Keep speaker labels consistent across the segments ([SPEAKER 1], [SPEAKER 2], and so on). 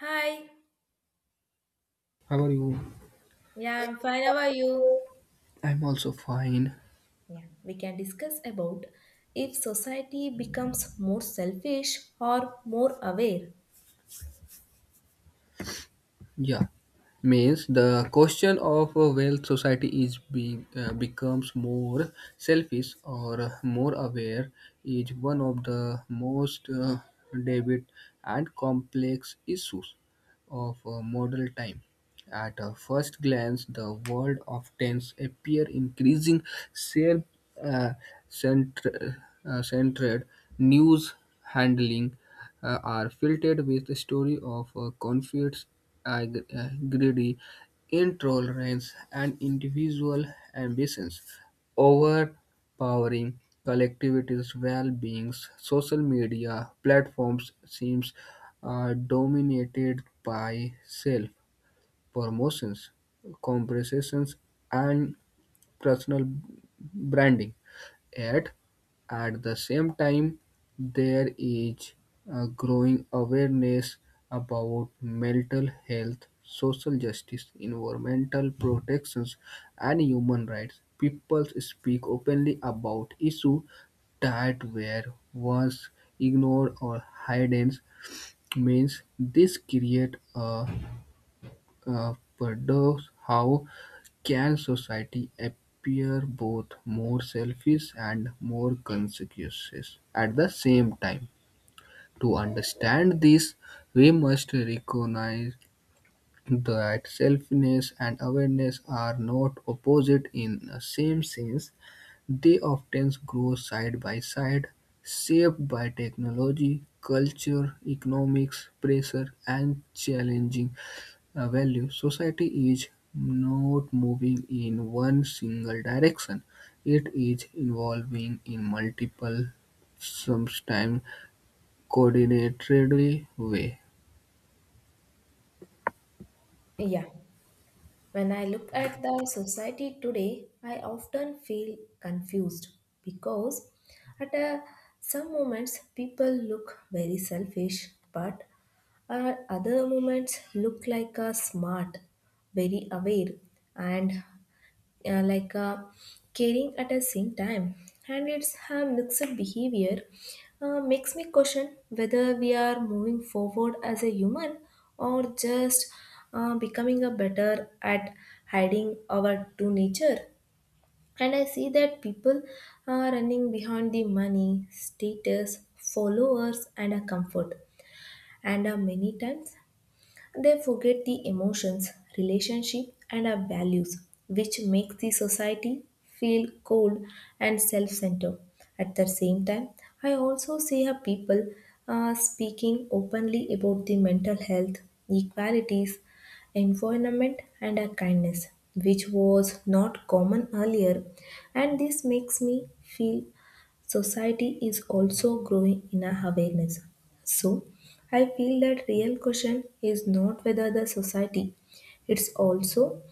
[SPEAKER 1] Hi,
[SPEAKER 2] How are you?
[SPEAKER 1] yeah, I'm fine. How are you?
[SPEAKER 2] I'm also fine.
[SPEAKER 1] Yeah, we can discuss about if society becomes more selfish or more aware.
[SPEAKER 2] Yeah, means the question of a wealth society is being becomes more selfish or more aware is one of the most debit and complex issues of modern time. At a first glance, the world of tents appear increasing self, uh, centr- centered news handling are filtered with the story of conflicts, greedy intolerance, and individual ambitions, overpowering collectivities' well-beings. Social media platforms seems dominated by self promotions, comparisons, and personal branding. Yet, at the same time, there is a growing awareness about mental health, social justice, environmental protections, and human rights. People speak openly about issues that were once ignored or hidden means this create a paradox. How can society appear both more selfish and more conscientious at the same time? To understand this, we must recognize that selfishness and awareness are not opposite in the same sense. They often grow side by side, shaped by technology, culture, economics, pressure, and challenging value, society is not moving in one single direction. It is evolving in multiple, sometimes coordinated way.
[SPEAKER 1] Yeah, when I look at the society today, I often feel confused because at some moments people look very selfish, but at other moments look like a smart, very aware, and like caring at the same time, and it's her mixed behavior makes me question whether we are moving forward as a human or just becoming a better at hiding our true nature. And I see that people are running behind the money status followers and a comfort, and many times they forget the emotions, relationship, and our values, which makes the society feel cold and self centered. At the same time, I also see how people are speaking openly about the mental health, equalities, environment, and our kindness, which was not common earlier, and this makes me feel society is also growing in a awareness. So, I feel that real question is not whether the society, it's also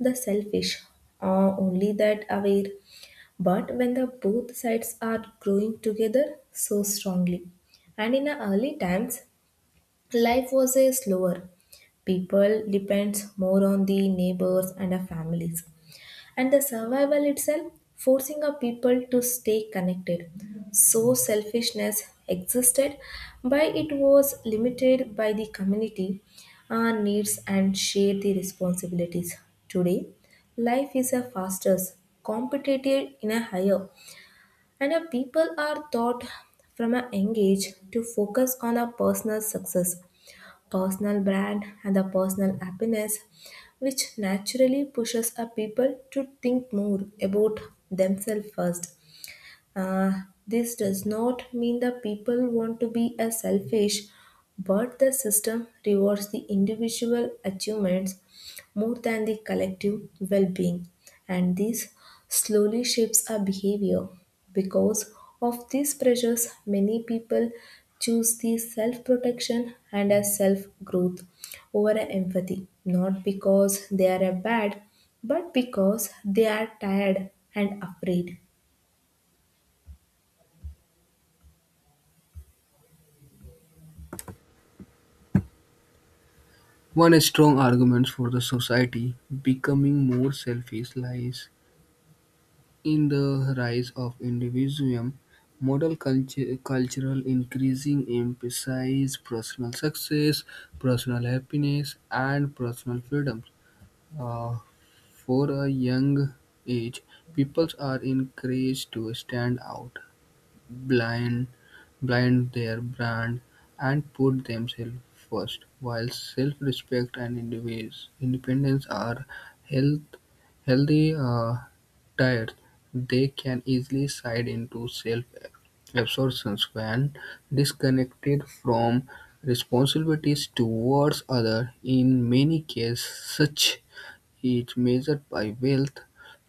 [SPEAKER 1] the selfish or only that aware. But when the both sides are growing together so strongly, and in the early times, life was a slower. People depends more on the neighbors and the families, and the survival itself forcing a people to stay connected. So selfishness existed but it was limited by the community, our needs and share the responsibilities. Today life is a faster, competitive in a higher, and a people are taught from a young age to focus on a personal success, personal brand and the personal happiness, which naturally pushes a people to think more about themselves first. Uh, this does not mean the people want to be a selfish, but the system rewards the individual achievements more than the collective well-being, and this slowly shapes our behavior. Because of these pressures, many people choose the self-protection and a self-growth over a empathy, not because they are a bad, but because they are tired and afraid.
[SPEAKER 2] One strong argument for the society becoming more selfish lies in the rise of individualism. Modern culture, cultural increasing emphasize personal success, personal happiness, and personal freedom. Uh, For a young age, pupils are encouraged to stand out, blind, blind their brand, and put themselves first, while self-respect and independence are health, healthy tired, they can easily slide into self-absorption when disconnected from responsibilities towards others. In many cases, such he measured by wealth,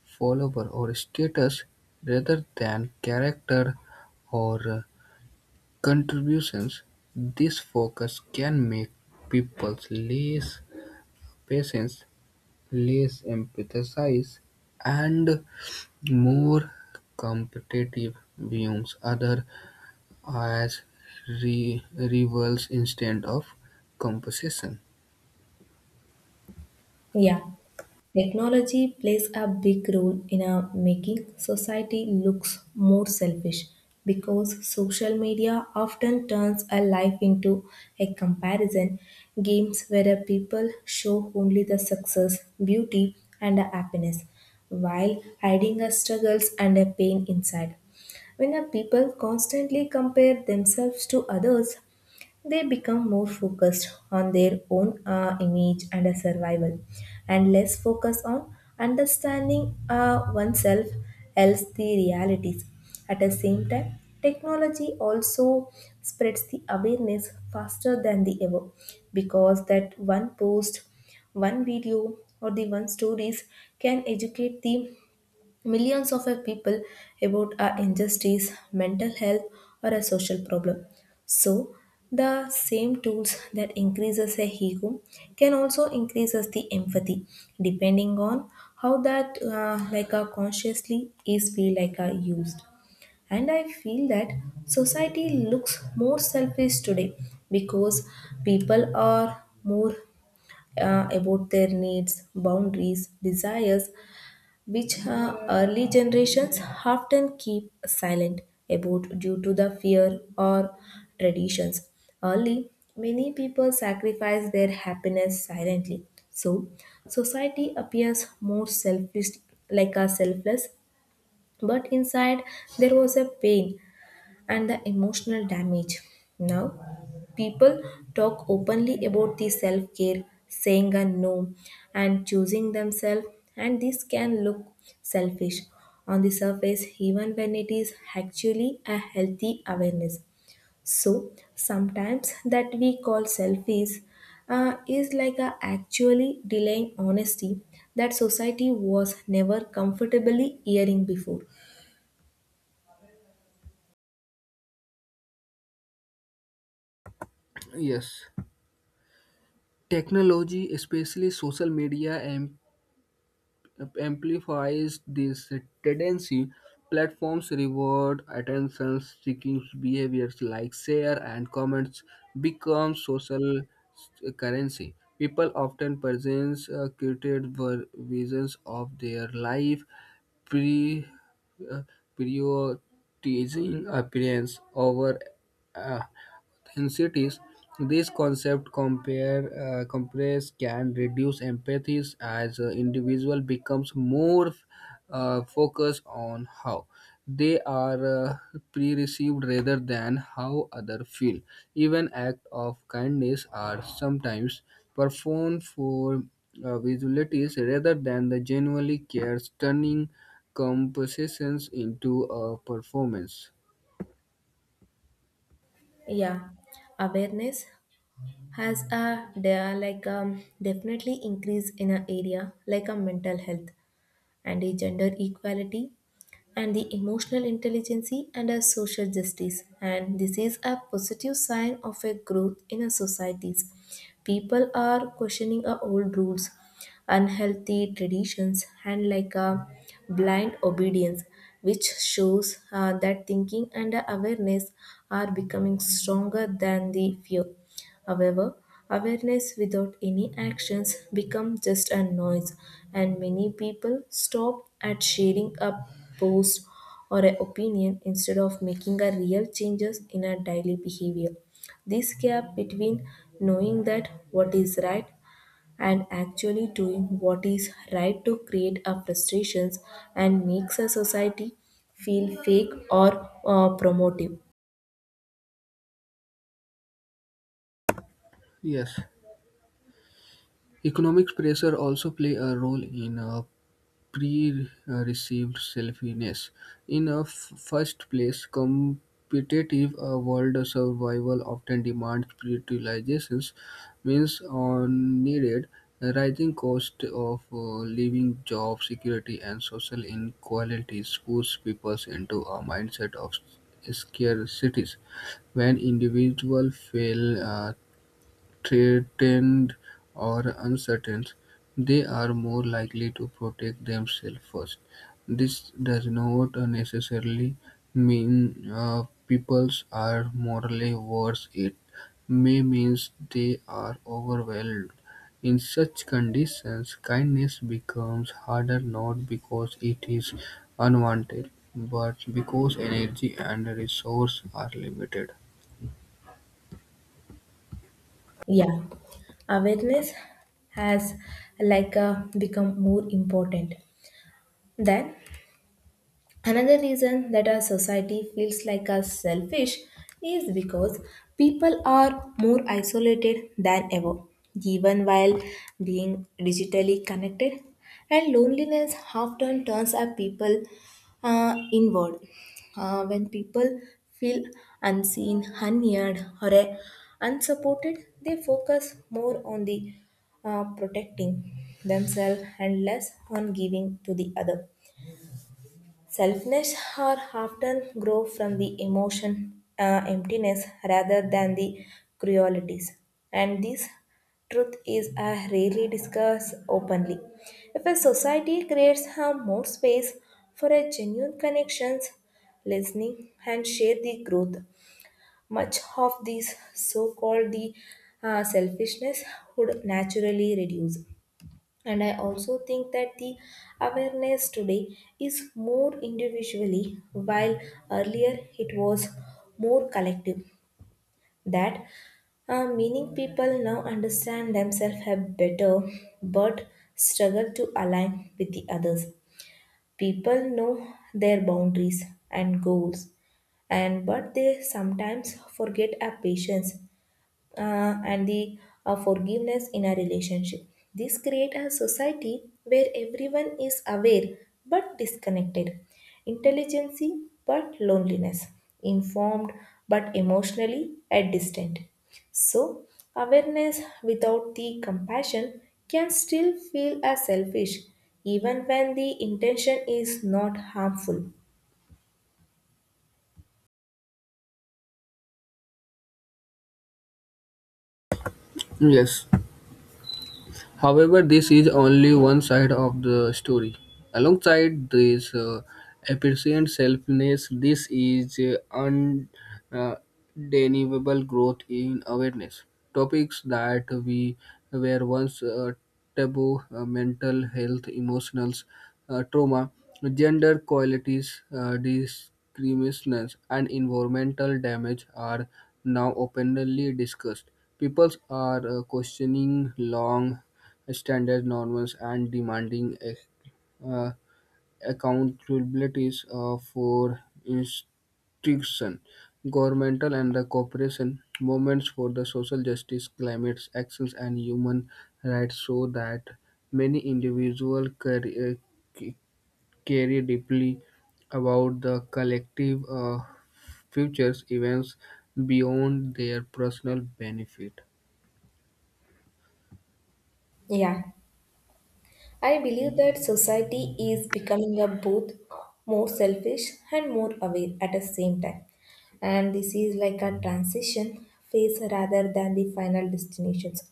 [SPEAKER 2] follower, or status, rather than character or contributions. This focus can make people less patient, less empathetic, and more competitive, views other as rivals instead of competition.
[SPEAKER 1] Yeah. Technology plays a big role in our making society looks more selfish because social media often turns a life into a comparison games where people show only the success, beauty and the happiness while hiding the struggles and the pain inside. When our people constantly compare themselves to others, they become more focused on their own image and survival, and less focused on understanding oneself else the realities. At the same time, technology also spreads the awareness faster than the ever because that one post, one video, or the one stories can educate the Millions of people about a injustice, mental health, or a social problem. So, the same tools that increases a ego can also increases the empathy, depending on how that like a consciously is feel like a used. And I feel that society looks more selfish today because people are more about their needs, boundaries, desires, which early generations often keep silent about due to the fear or traditions. Early, many people sacrifice their happiness silently. So, society appears more selfish, like a selfless, but inside there was a pain and the emotional damage. Now, people talk openly about the self care, saying a no, and choosing themselves, and this can look selfish on the surface, even when it is actually a healthy awareness. So, sometimes that we call selfies is like a actually delaying honesty that society was never comfortably hearing before.
[SPEAKER 2] Yes, technology, especially social media, amplifies this tendency. Platforms reward attention-seeking behaviors like share and comments become social currency. People often present curated visions of their life, pre- uh, prioritizing appearance over uh, in cities, this concept compare, compress can reduce empathies as an individual becomes more focused on how they are pre-received rather than how others feel. Even acts of kindness are sometimes performed for visualities rather than the genuinely cares, turning compositions into a performance.
[SPEAKER 1] Yeah, awareness has a there are like definitely increase in an area like a mental health and a gender equality and the emotional intelligence and a social justice, and this is a positive sign of a growth in a societies. People are questioning our old rules, unhealthy traditions and like a blind obedience, which shows that thinking and awareness are becoming stronger than the fear. However, awareness without any actions becomes just a noise, and many people stop at sharing a post or an opinion instead of making a real changes in our daily behavior. This gap between knowing that what is right and actually doing what is right to create our frustrations and makes a society feel fake or promotive.
[SPEAKER 2] Yes. Economic pressure also play a role in pre-received selfishness. In a first place, competitive world survival often demands prioritizations, means on needed rising cost of living, job security, and social inequalities push people into a mindset of scarcity when individuals feel threatened or uncertain, they are more likely to protect themselves first. This does not necessarily mean peoples are morally worse. It may mean they are overwhelmed. In such conditions, kindness becomes harder not because it is unwanted, but because energy and resource are limited.
[SPEAKER 1] Yeah, awareness has like become more important than another reason that our society feels like us selfish is because people are more isolated than ever, even while being digitally connected. And loneliness often turns our people inward. When people feel unseen, unheard, or unsupported, they focus more on the protecting themselves and less on giving to the other. Selfness are often grow from the emotion emptiness rather than the cruelties, and this truth is rarely discussed openly. If a society creates more space for a genuine connections, listening, and share the growth, much of this so-called the selfishness would naturally reduce. And I also think that the awareness today is more individually while earlier it was more collective, that meaning people now understand themselves have better but struggle to align with the others. People know their boundaries and goals and but they sometimes forget our patience and the forgiveness in a relationship. This creates a society where everyone is aware but disconnected, intelligence but loneliness, informed but emotionally at distant. So awareness without the compassion can still feel as selfish even when the intention is not harmful.
[SPEAKER 2] Yes, however, this is only one side of the story. Alongside this apparent selfness, this is undeniable growth in awareness. Topics that we were once taboo, mental health, emotional trauma, gender qualities, discrimination, and environmental damage are now openly discussed. People are questioning long standard norms and demanding uh, accountabilities for institution, governmental and the corporation movements for the social justice, climate actions and human rights so that many individuals carry deeply about the collective futures events beyond their personal benefit.
[SPEAKER 1] Yeah, I believe that society is becoming a both more selfish and more aware at the same time. And this is like a transition phase rather than the final destinations,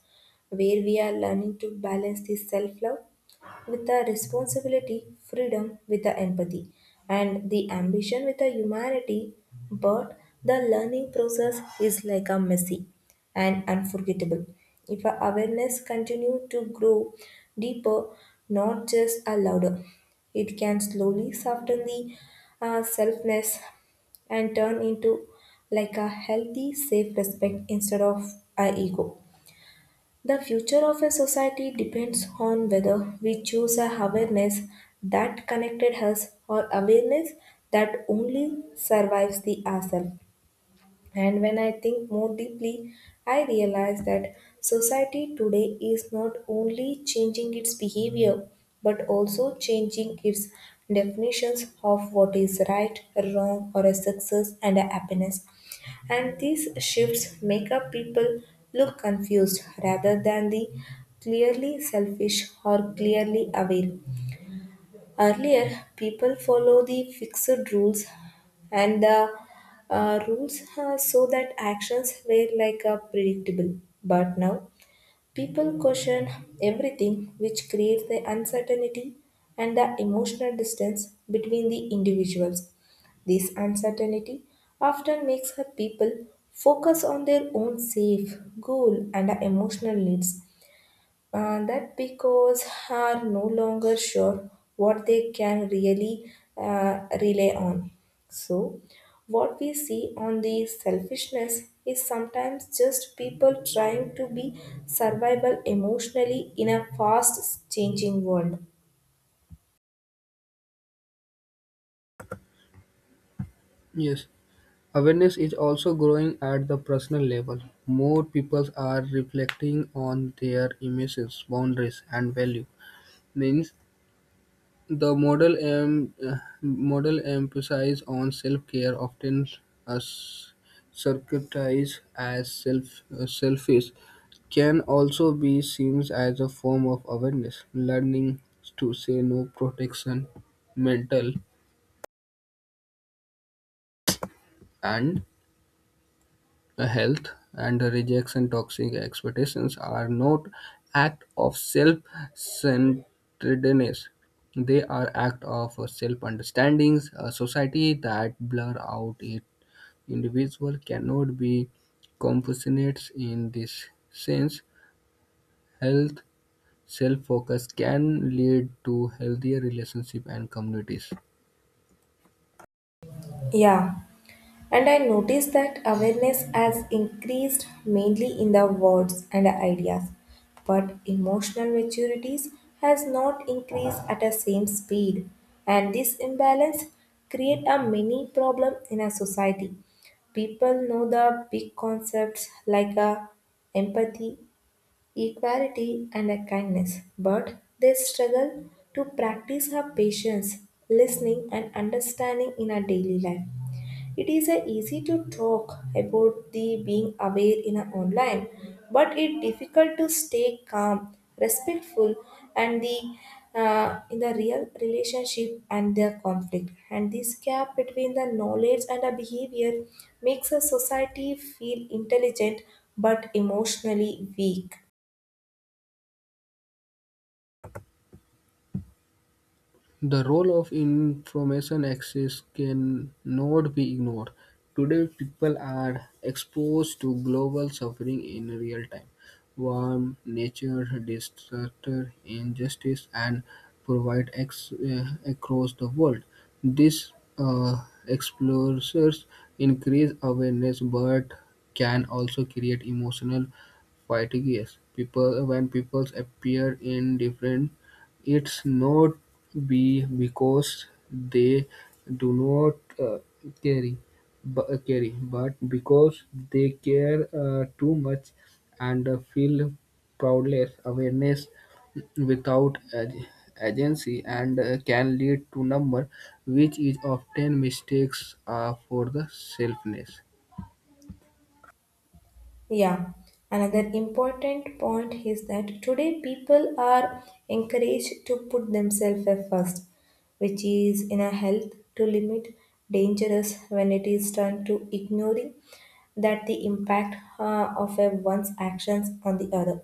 [SPEAKER 1] where we are learning to balance the self love with the responsibility, freedom with the empathy, and the ambition with the humanity. But the learning process is like a messy and unforgettable. If our awareness continue to grow deeper, not just a louder, it can slowly soften the selfness and turn into like a healthy, safe respect instead of our ego. The future of a society depends on whether we choose a awareness that connected us or awareness that only survives the ourselves. And when I think more deeply, I realize that society today is not only changing its behavior but also changing its definitions of what is right, wrong, or a success and a happiness. And these shifts make up people look confused rather than the clearly selfish or clearly aware. Earlier, people follow the fixed rules and the rules so that actions were like a predictable. But now, people question everything, which creates the uncertainty and the emotional distance between the individuals. This uncertainty often makes her people focus on their own safe goal and the emotional needs that because are no longer sure what they can really rely on. So, what we see on the selfishness is sometimes just people trying to be survival emotionally in a fast changing world.
[SPEAKER 2] Yes. Awareness is also growing at the personal level. More people are reflecting on their emotions, boundaries, and value. Means the model model emphasizes on self-care, often as circuitized as self selfish, can also be seen as a form of awareness. Learning to say no, protection, mental, and health and rejects and toxic expectations are not act of self-centeredness, they are act of self-understandings a society that blur out it individual cannot be compassionate in this sense health self-focus can lead to healthier relationship and communities.
[SPEAKER 1] Yeah. And I noticed that awareness has increased mainly in the words and ideas, but emotional maturities has not increased at the same speed. And this imbalance create a mini problem in a society. People know the big concepts like a empathy, equality, and a kindness, but they struggle to practice her patience, listening, and understanding in our daily life. It is easy to talk about the being aware in our online, but it difficult to stay calm, respectful, and the in the real relationship and the conflict. And this gap between the knowledge and the behavior makes a society feel intelligent but emotionally weak.
[SPEAKER 2] The role of information access cannot be ignored. Today, people are exposed to global suffering in real time. War, nature, disaster, injustice, and provide across the world. These uh, exposures increase awareness, but can also create emotional fatigue. Yes, when people appear in different it's not be because they do not carry, carry, but because they care too much and feel proudless. Awareness without agency and can lead to number, which is often mistakes for the selfness.
[SPEAKER 1] Yeah, another important point is that today people are encouraged to put themselves first, which is in a health to limit dangerous when it is turned to ignoring that the impact of a one's actions on the other.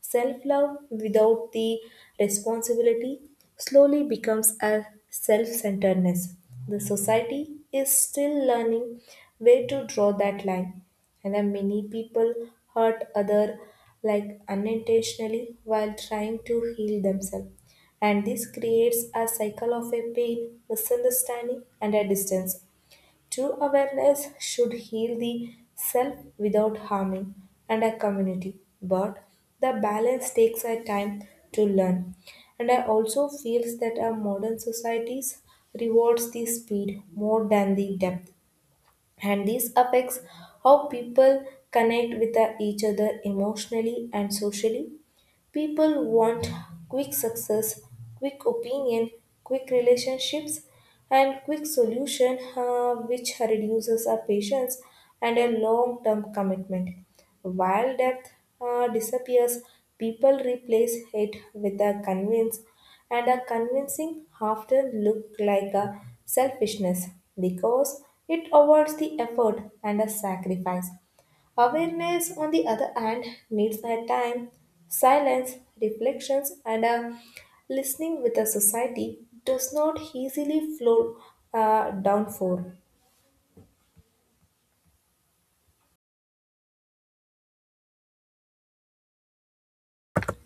[SPEAKER 1] Self love without the responsibility slowly becomes a self centeredness. The society is still learning where to draw that line, and then many people hurt other like unintentionally while trying to heal themselves. And this creates a cycle of a pain, misunderstanding, and a distance. True awareness should heal the self without harming and a community, but the balance takes a time to learn. And I also feel that our modern societies rewards the speed more than the depth, and this affects how people connect with each other emotionally and socially. People want quick success, quick opinion, quick relationships, and quick solution, which reduces our patience and a long-term commitment. While depth disappears, people replace it with a convince, and a convincing often look like a selfishness because it avoids the effort and a sacrifice. Awareness, on the other hand, needs a time, silence, reflections, and a listening with a society does not easily flow down for.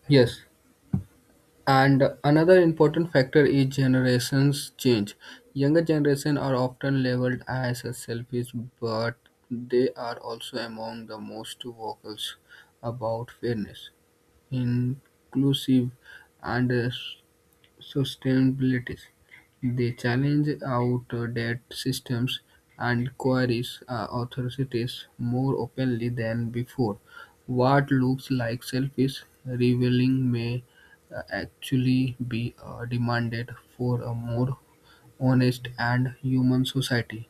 [SPEAKER 2] Yes. And another important factor is generations change. Younger generation are often labeled as selfish, but they are also among the most vocal about fairness, inclusive, and sustainability. They challenge outdated systems and queries authorities more openly than before. What looks like selfish revealing may actually be demanded for a more honest and human society.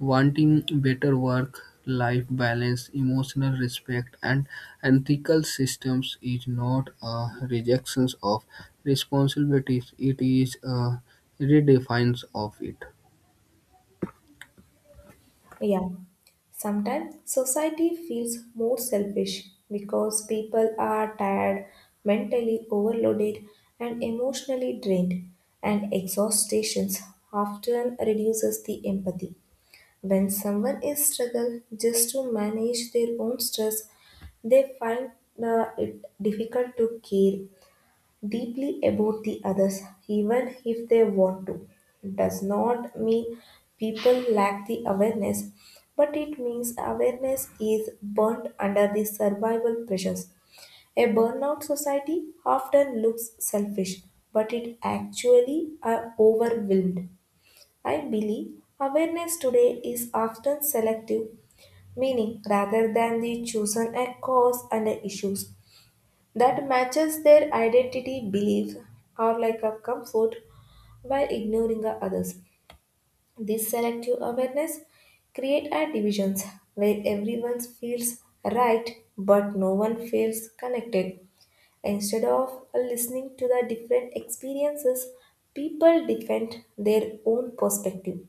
[SPEAKER 2] Wanting better work-life balance, emotional respect, and ethical systems is not a rejection of responsibilities, it is a redefines of it.
[SPEAKER 1] Yeah. Sometimes society feels more selfish because people are tired, mentally overloaded, and emotionally drained, and exhaustions often reduces the empathy. When someone is struggle just to manage their own stress, they find it difficult to care deeply about the others, even if they want to. Does not mean people lack the awareness, but it means awareness is burnt under the survival pressures. A burnout society often looks selfish, but it actually are overwhelmed. I believe awareness today is often selective, meaning rather than the chosen a cause and a issues that matches their identity, belief, or like a comfort while ignoring the others. This selective awareness create a divisions where everyone feels right but no one feels connected. Instead of listening to the different experiences, people defend their own perspective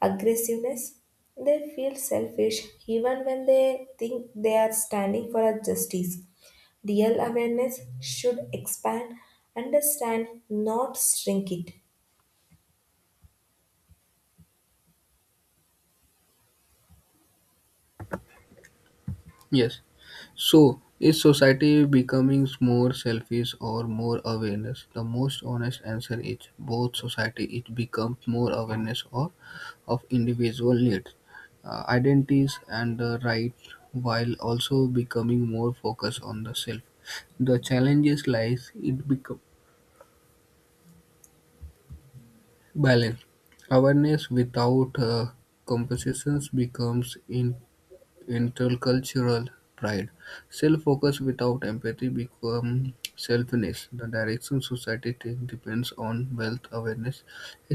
[SPEAKER 1] aggressiveness. They feel selfish even when they think they are standing for a justice. Real awareness should expand, understand, not shrink it.
[SPEAKER 2] Yes. So, is society becoming more selfish or more awareness? The most honest answer is both society it becomes more awareness or of individual needs, identities and the right while also becoming more focused on the self. The challenges lies it become balance. Awareness without compensations becomes in. Intercultural pride. Self focus without empathy becomes selfishness. The direction society takes depends on wealth awareness.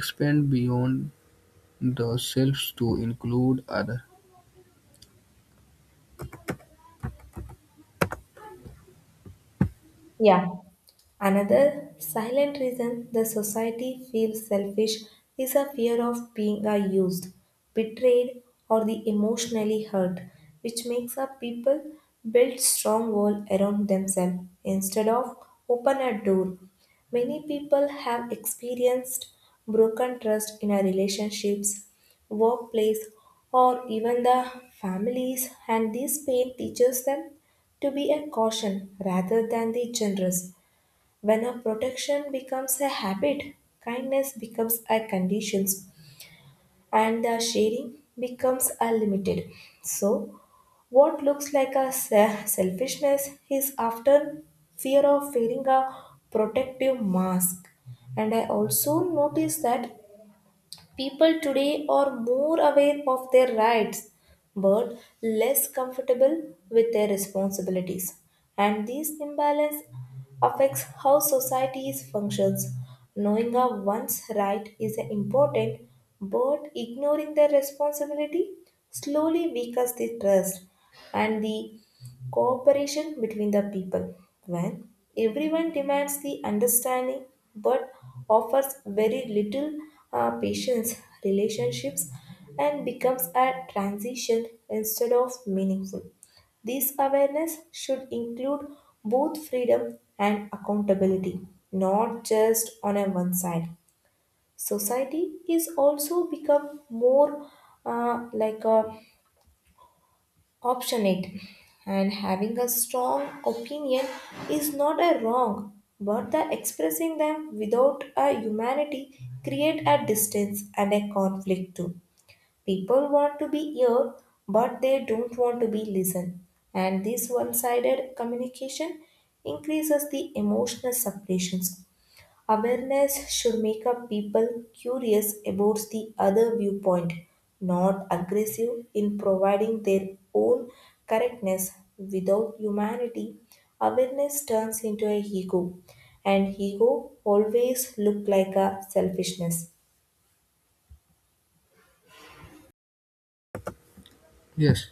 [SPEAKER 2] Expand beyond the selves to include others.
[SPEAKER 1] Yeah, another silent reason the society feels selfish is a fear of being used, betrayed, or the emotionally hurt, which makes a people build strong wall around themselves instead of open a door. Many people have experienced broken trust in our relationships, workplace, or even the families, and this pain teaches them to be a caution rather than the generous when a protection becomes a habit, kindness becomes a condition, and the sharing becomes a limited. So, what looks like a selfishness is often fear of wearing a protective mask. And I also notice that people today are more aware of their rights but less comfortable with their responsibilities. And this imbalance affects how societies functions. Knowing of one's right is important, but ignoring their responsibility slowly weakens the trust and the cooperation between the people when everyone demands the understanding but offers very little patience relationships and becomes a transition instead of meaningful. This awareness should include both freedom and accountability, not just on a one side. Society is also become more like a optionate, and having a strong opinion is not a wrong but the expressing them without a humanity create a distance and a conflict too. People want to be heard but they don't want to be listened, and this one-sided communication increases the emotional separations. Awareness should make up people curious about the other viewpoint, not aggressive in providing their own correctness. Without humanity, awareness turns into a ego, and ego always look like a selfishness.
[SPEAKER 2] Yes.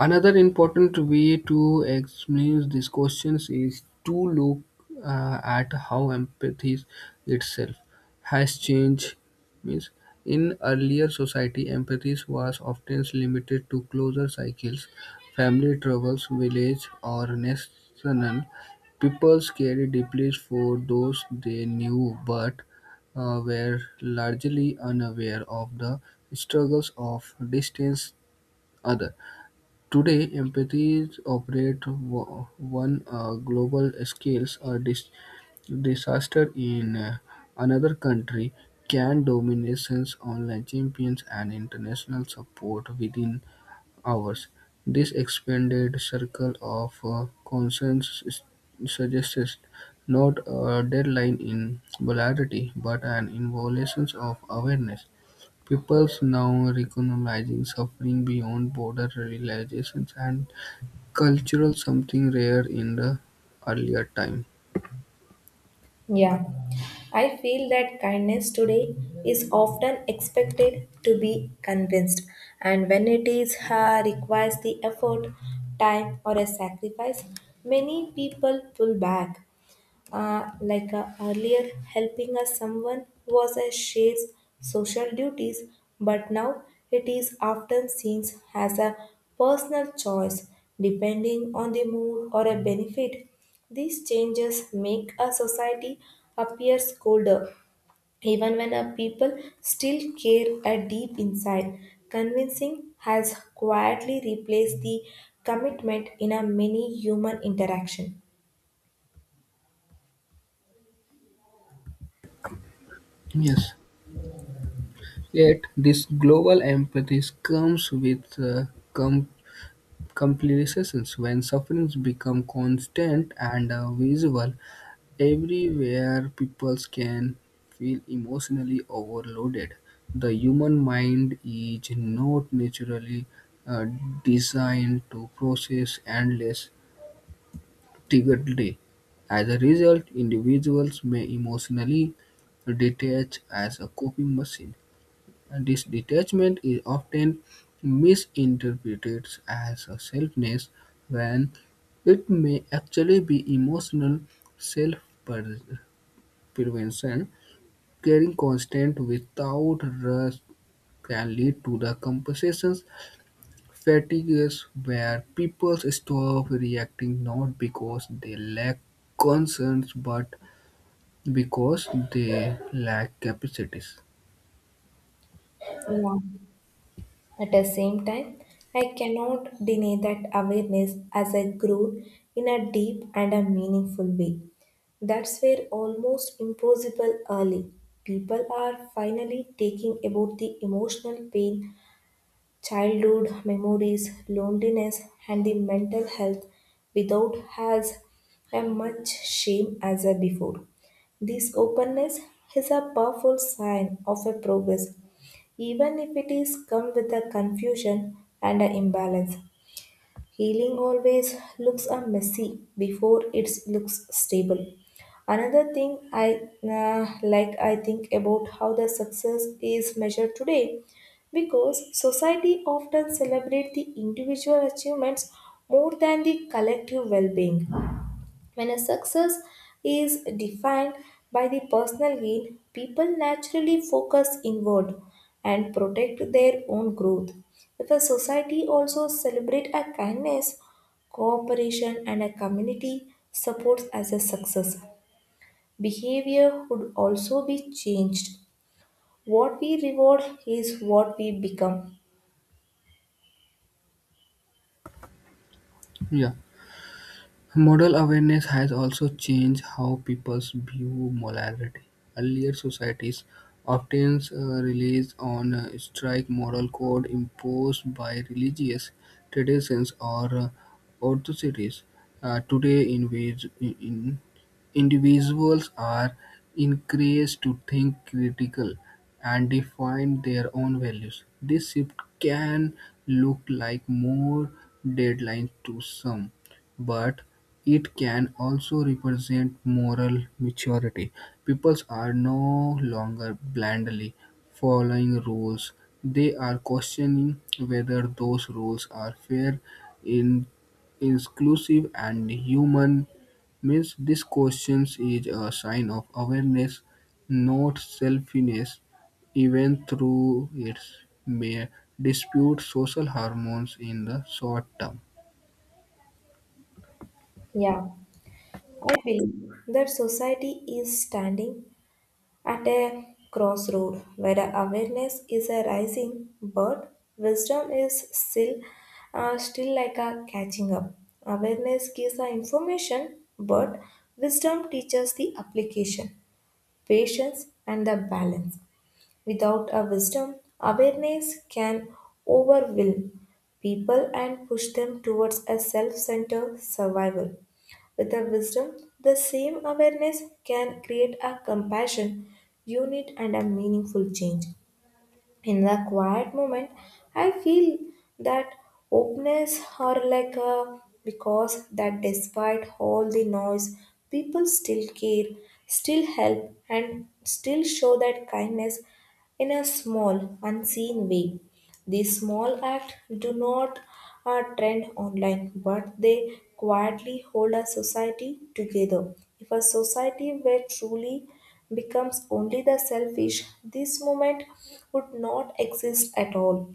[SPEAKER 2] Another important way to explain these questions is to look at how empathy itself has changed. Means in earlier society, empathy was often limited to closer cycles, family troubles, village or national. People cared deeply for those they knew, but were largely unaware of the struggles of distant others. Today, empathies operate one global scales. A disaster in another country can dominations online champions and international support within hours. This expanded circle of concerns suggests not a deadline in polarity, but an involution of awareness. Peoples now recognizing suffering beyond border realizations and cultural something rare in the earlier time.
[SPEAKER 1] Yeah, I feel that kindness today is often expected to be convinced, and when it is requires the effort, time, or a sacrifice, many people pull back, earlier helping us someone was a shared social duties, but now it is often seen as a personal choice depending on the mood or a benefit. These changes make a society appear colder even when a people still care a deep inside. Convincing has quietly replaced the commitment in a many human interaction.
[SPEAKER 2] Yes. Yet this global empathy comes with com- complications when sufferings become constant and visible everywhere. People can feel emotionally overloaded. The human mind is not naturally uh, designed to process endless repeatedly. As a result, individuals may emotionally detach as a coping machine. And this detachment is often misinterpreted as a selfness when it may actually be emotional self prevention. Caring constant without rest can lead to the compensation. Fatigue is where people stop reacting not because they lack concerns but because they lack capacities.
[SPEAKER 1] Yeah, at the same time, I cannot deny that awareness as I grew in a deep and a meaningful way. That's where almost impossible early. People are finally taking about the emotional pain, childhood memories, loneliness, and the mental health without has a much shame as a before. This openness is a powerful sign of a progress, even if it is come with a confusion and an imbalance. Healing always looks a messy before it looks stable. Another thing I I think about how the success is measured today, because society often celebrate the individual achievements more than the collective well-being. When a success is defined by the personal gain, people naturally focus inward and protect their own growth. If a society also celebrates a kindness, cooperation, and a community supports as a success, behavior would also be changed. What we reward is what we become.
[SPEAKER 2] Yeah. Model awareness has also changed how people view morality. Earlier societies often relied on a strict moral code imposed by religious traditions or authorities. Today, in- individuals are encouraged to think critical and define their own values. This shift can look like more deadlines to some, but it can also represent moral maturity. People are no longer blindly following rules, they are questioning whether those rules are fair, in- inclusive, and human. Means this question is a sign of awareness, not selfishness, even through its may dispute social hormones in the short term.
[SPEAKER 1] Yeah, I believe that society is standing at a crossroad where awareness is a rising but wisdom is still still like a catching up. Awareness gives the information but wisdom teaches the application, patience, and the balance. Without a wisdom, awareness can overwhelm people and push them towards a self-centered survival. With a wisdom, the same awareness can create a compassion, unit, and a meaningful change. In the quiet moment I feel that openness, or like a, because that despite all the noise, people still care, still help, and still show that kindness in a small unseen way. These small acts do not trend online, but they quietly hold a society together. If a society were truly becomes only the selfish, this movement would not exist at all.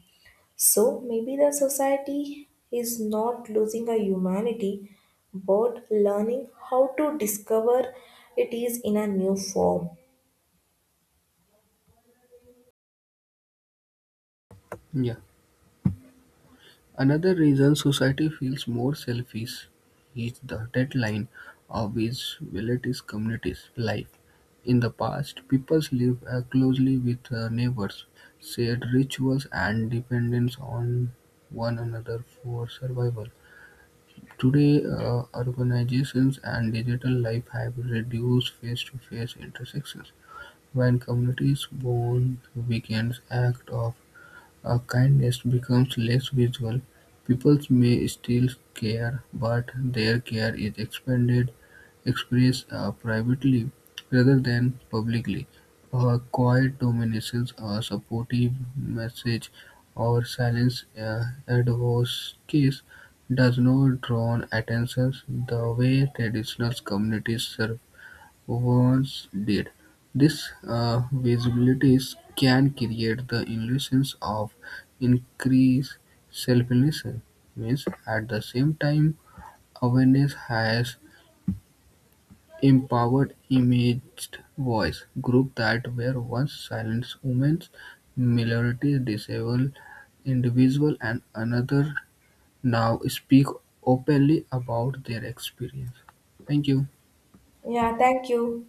[SPEAKER 1] So maybe the society is not losing a humanity, but learning how to discover it is in a new form.
[SPEAKER 2] Yeah. Another reason society feels more selfish is the deadline of visibility communities' life. In the past, people lived closely with neighbors, shared rituals, and dependence on one another for survival. Today, urbanizations and digital life have reduced face to face intersections. When communities bond, weekends act of as kindness becomes less visible, people may still care, but their care is expressed privately rather than publicly. A quiet domination, a supportive message, or silence advocacy does not draw attention the way traditional communities survive. Once did these visibilities can create the illusion of increased self-realization, means at the same time awareness has empowered imaged voice groups that were once silenced: women, minorities, disabled individuals, and another now speak openly about their experience. Thank you.
[SPEAKER 1] Yeah, thank you.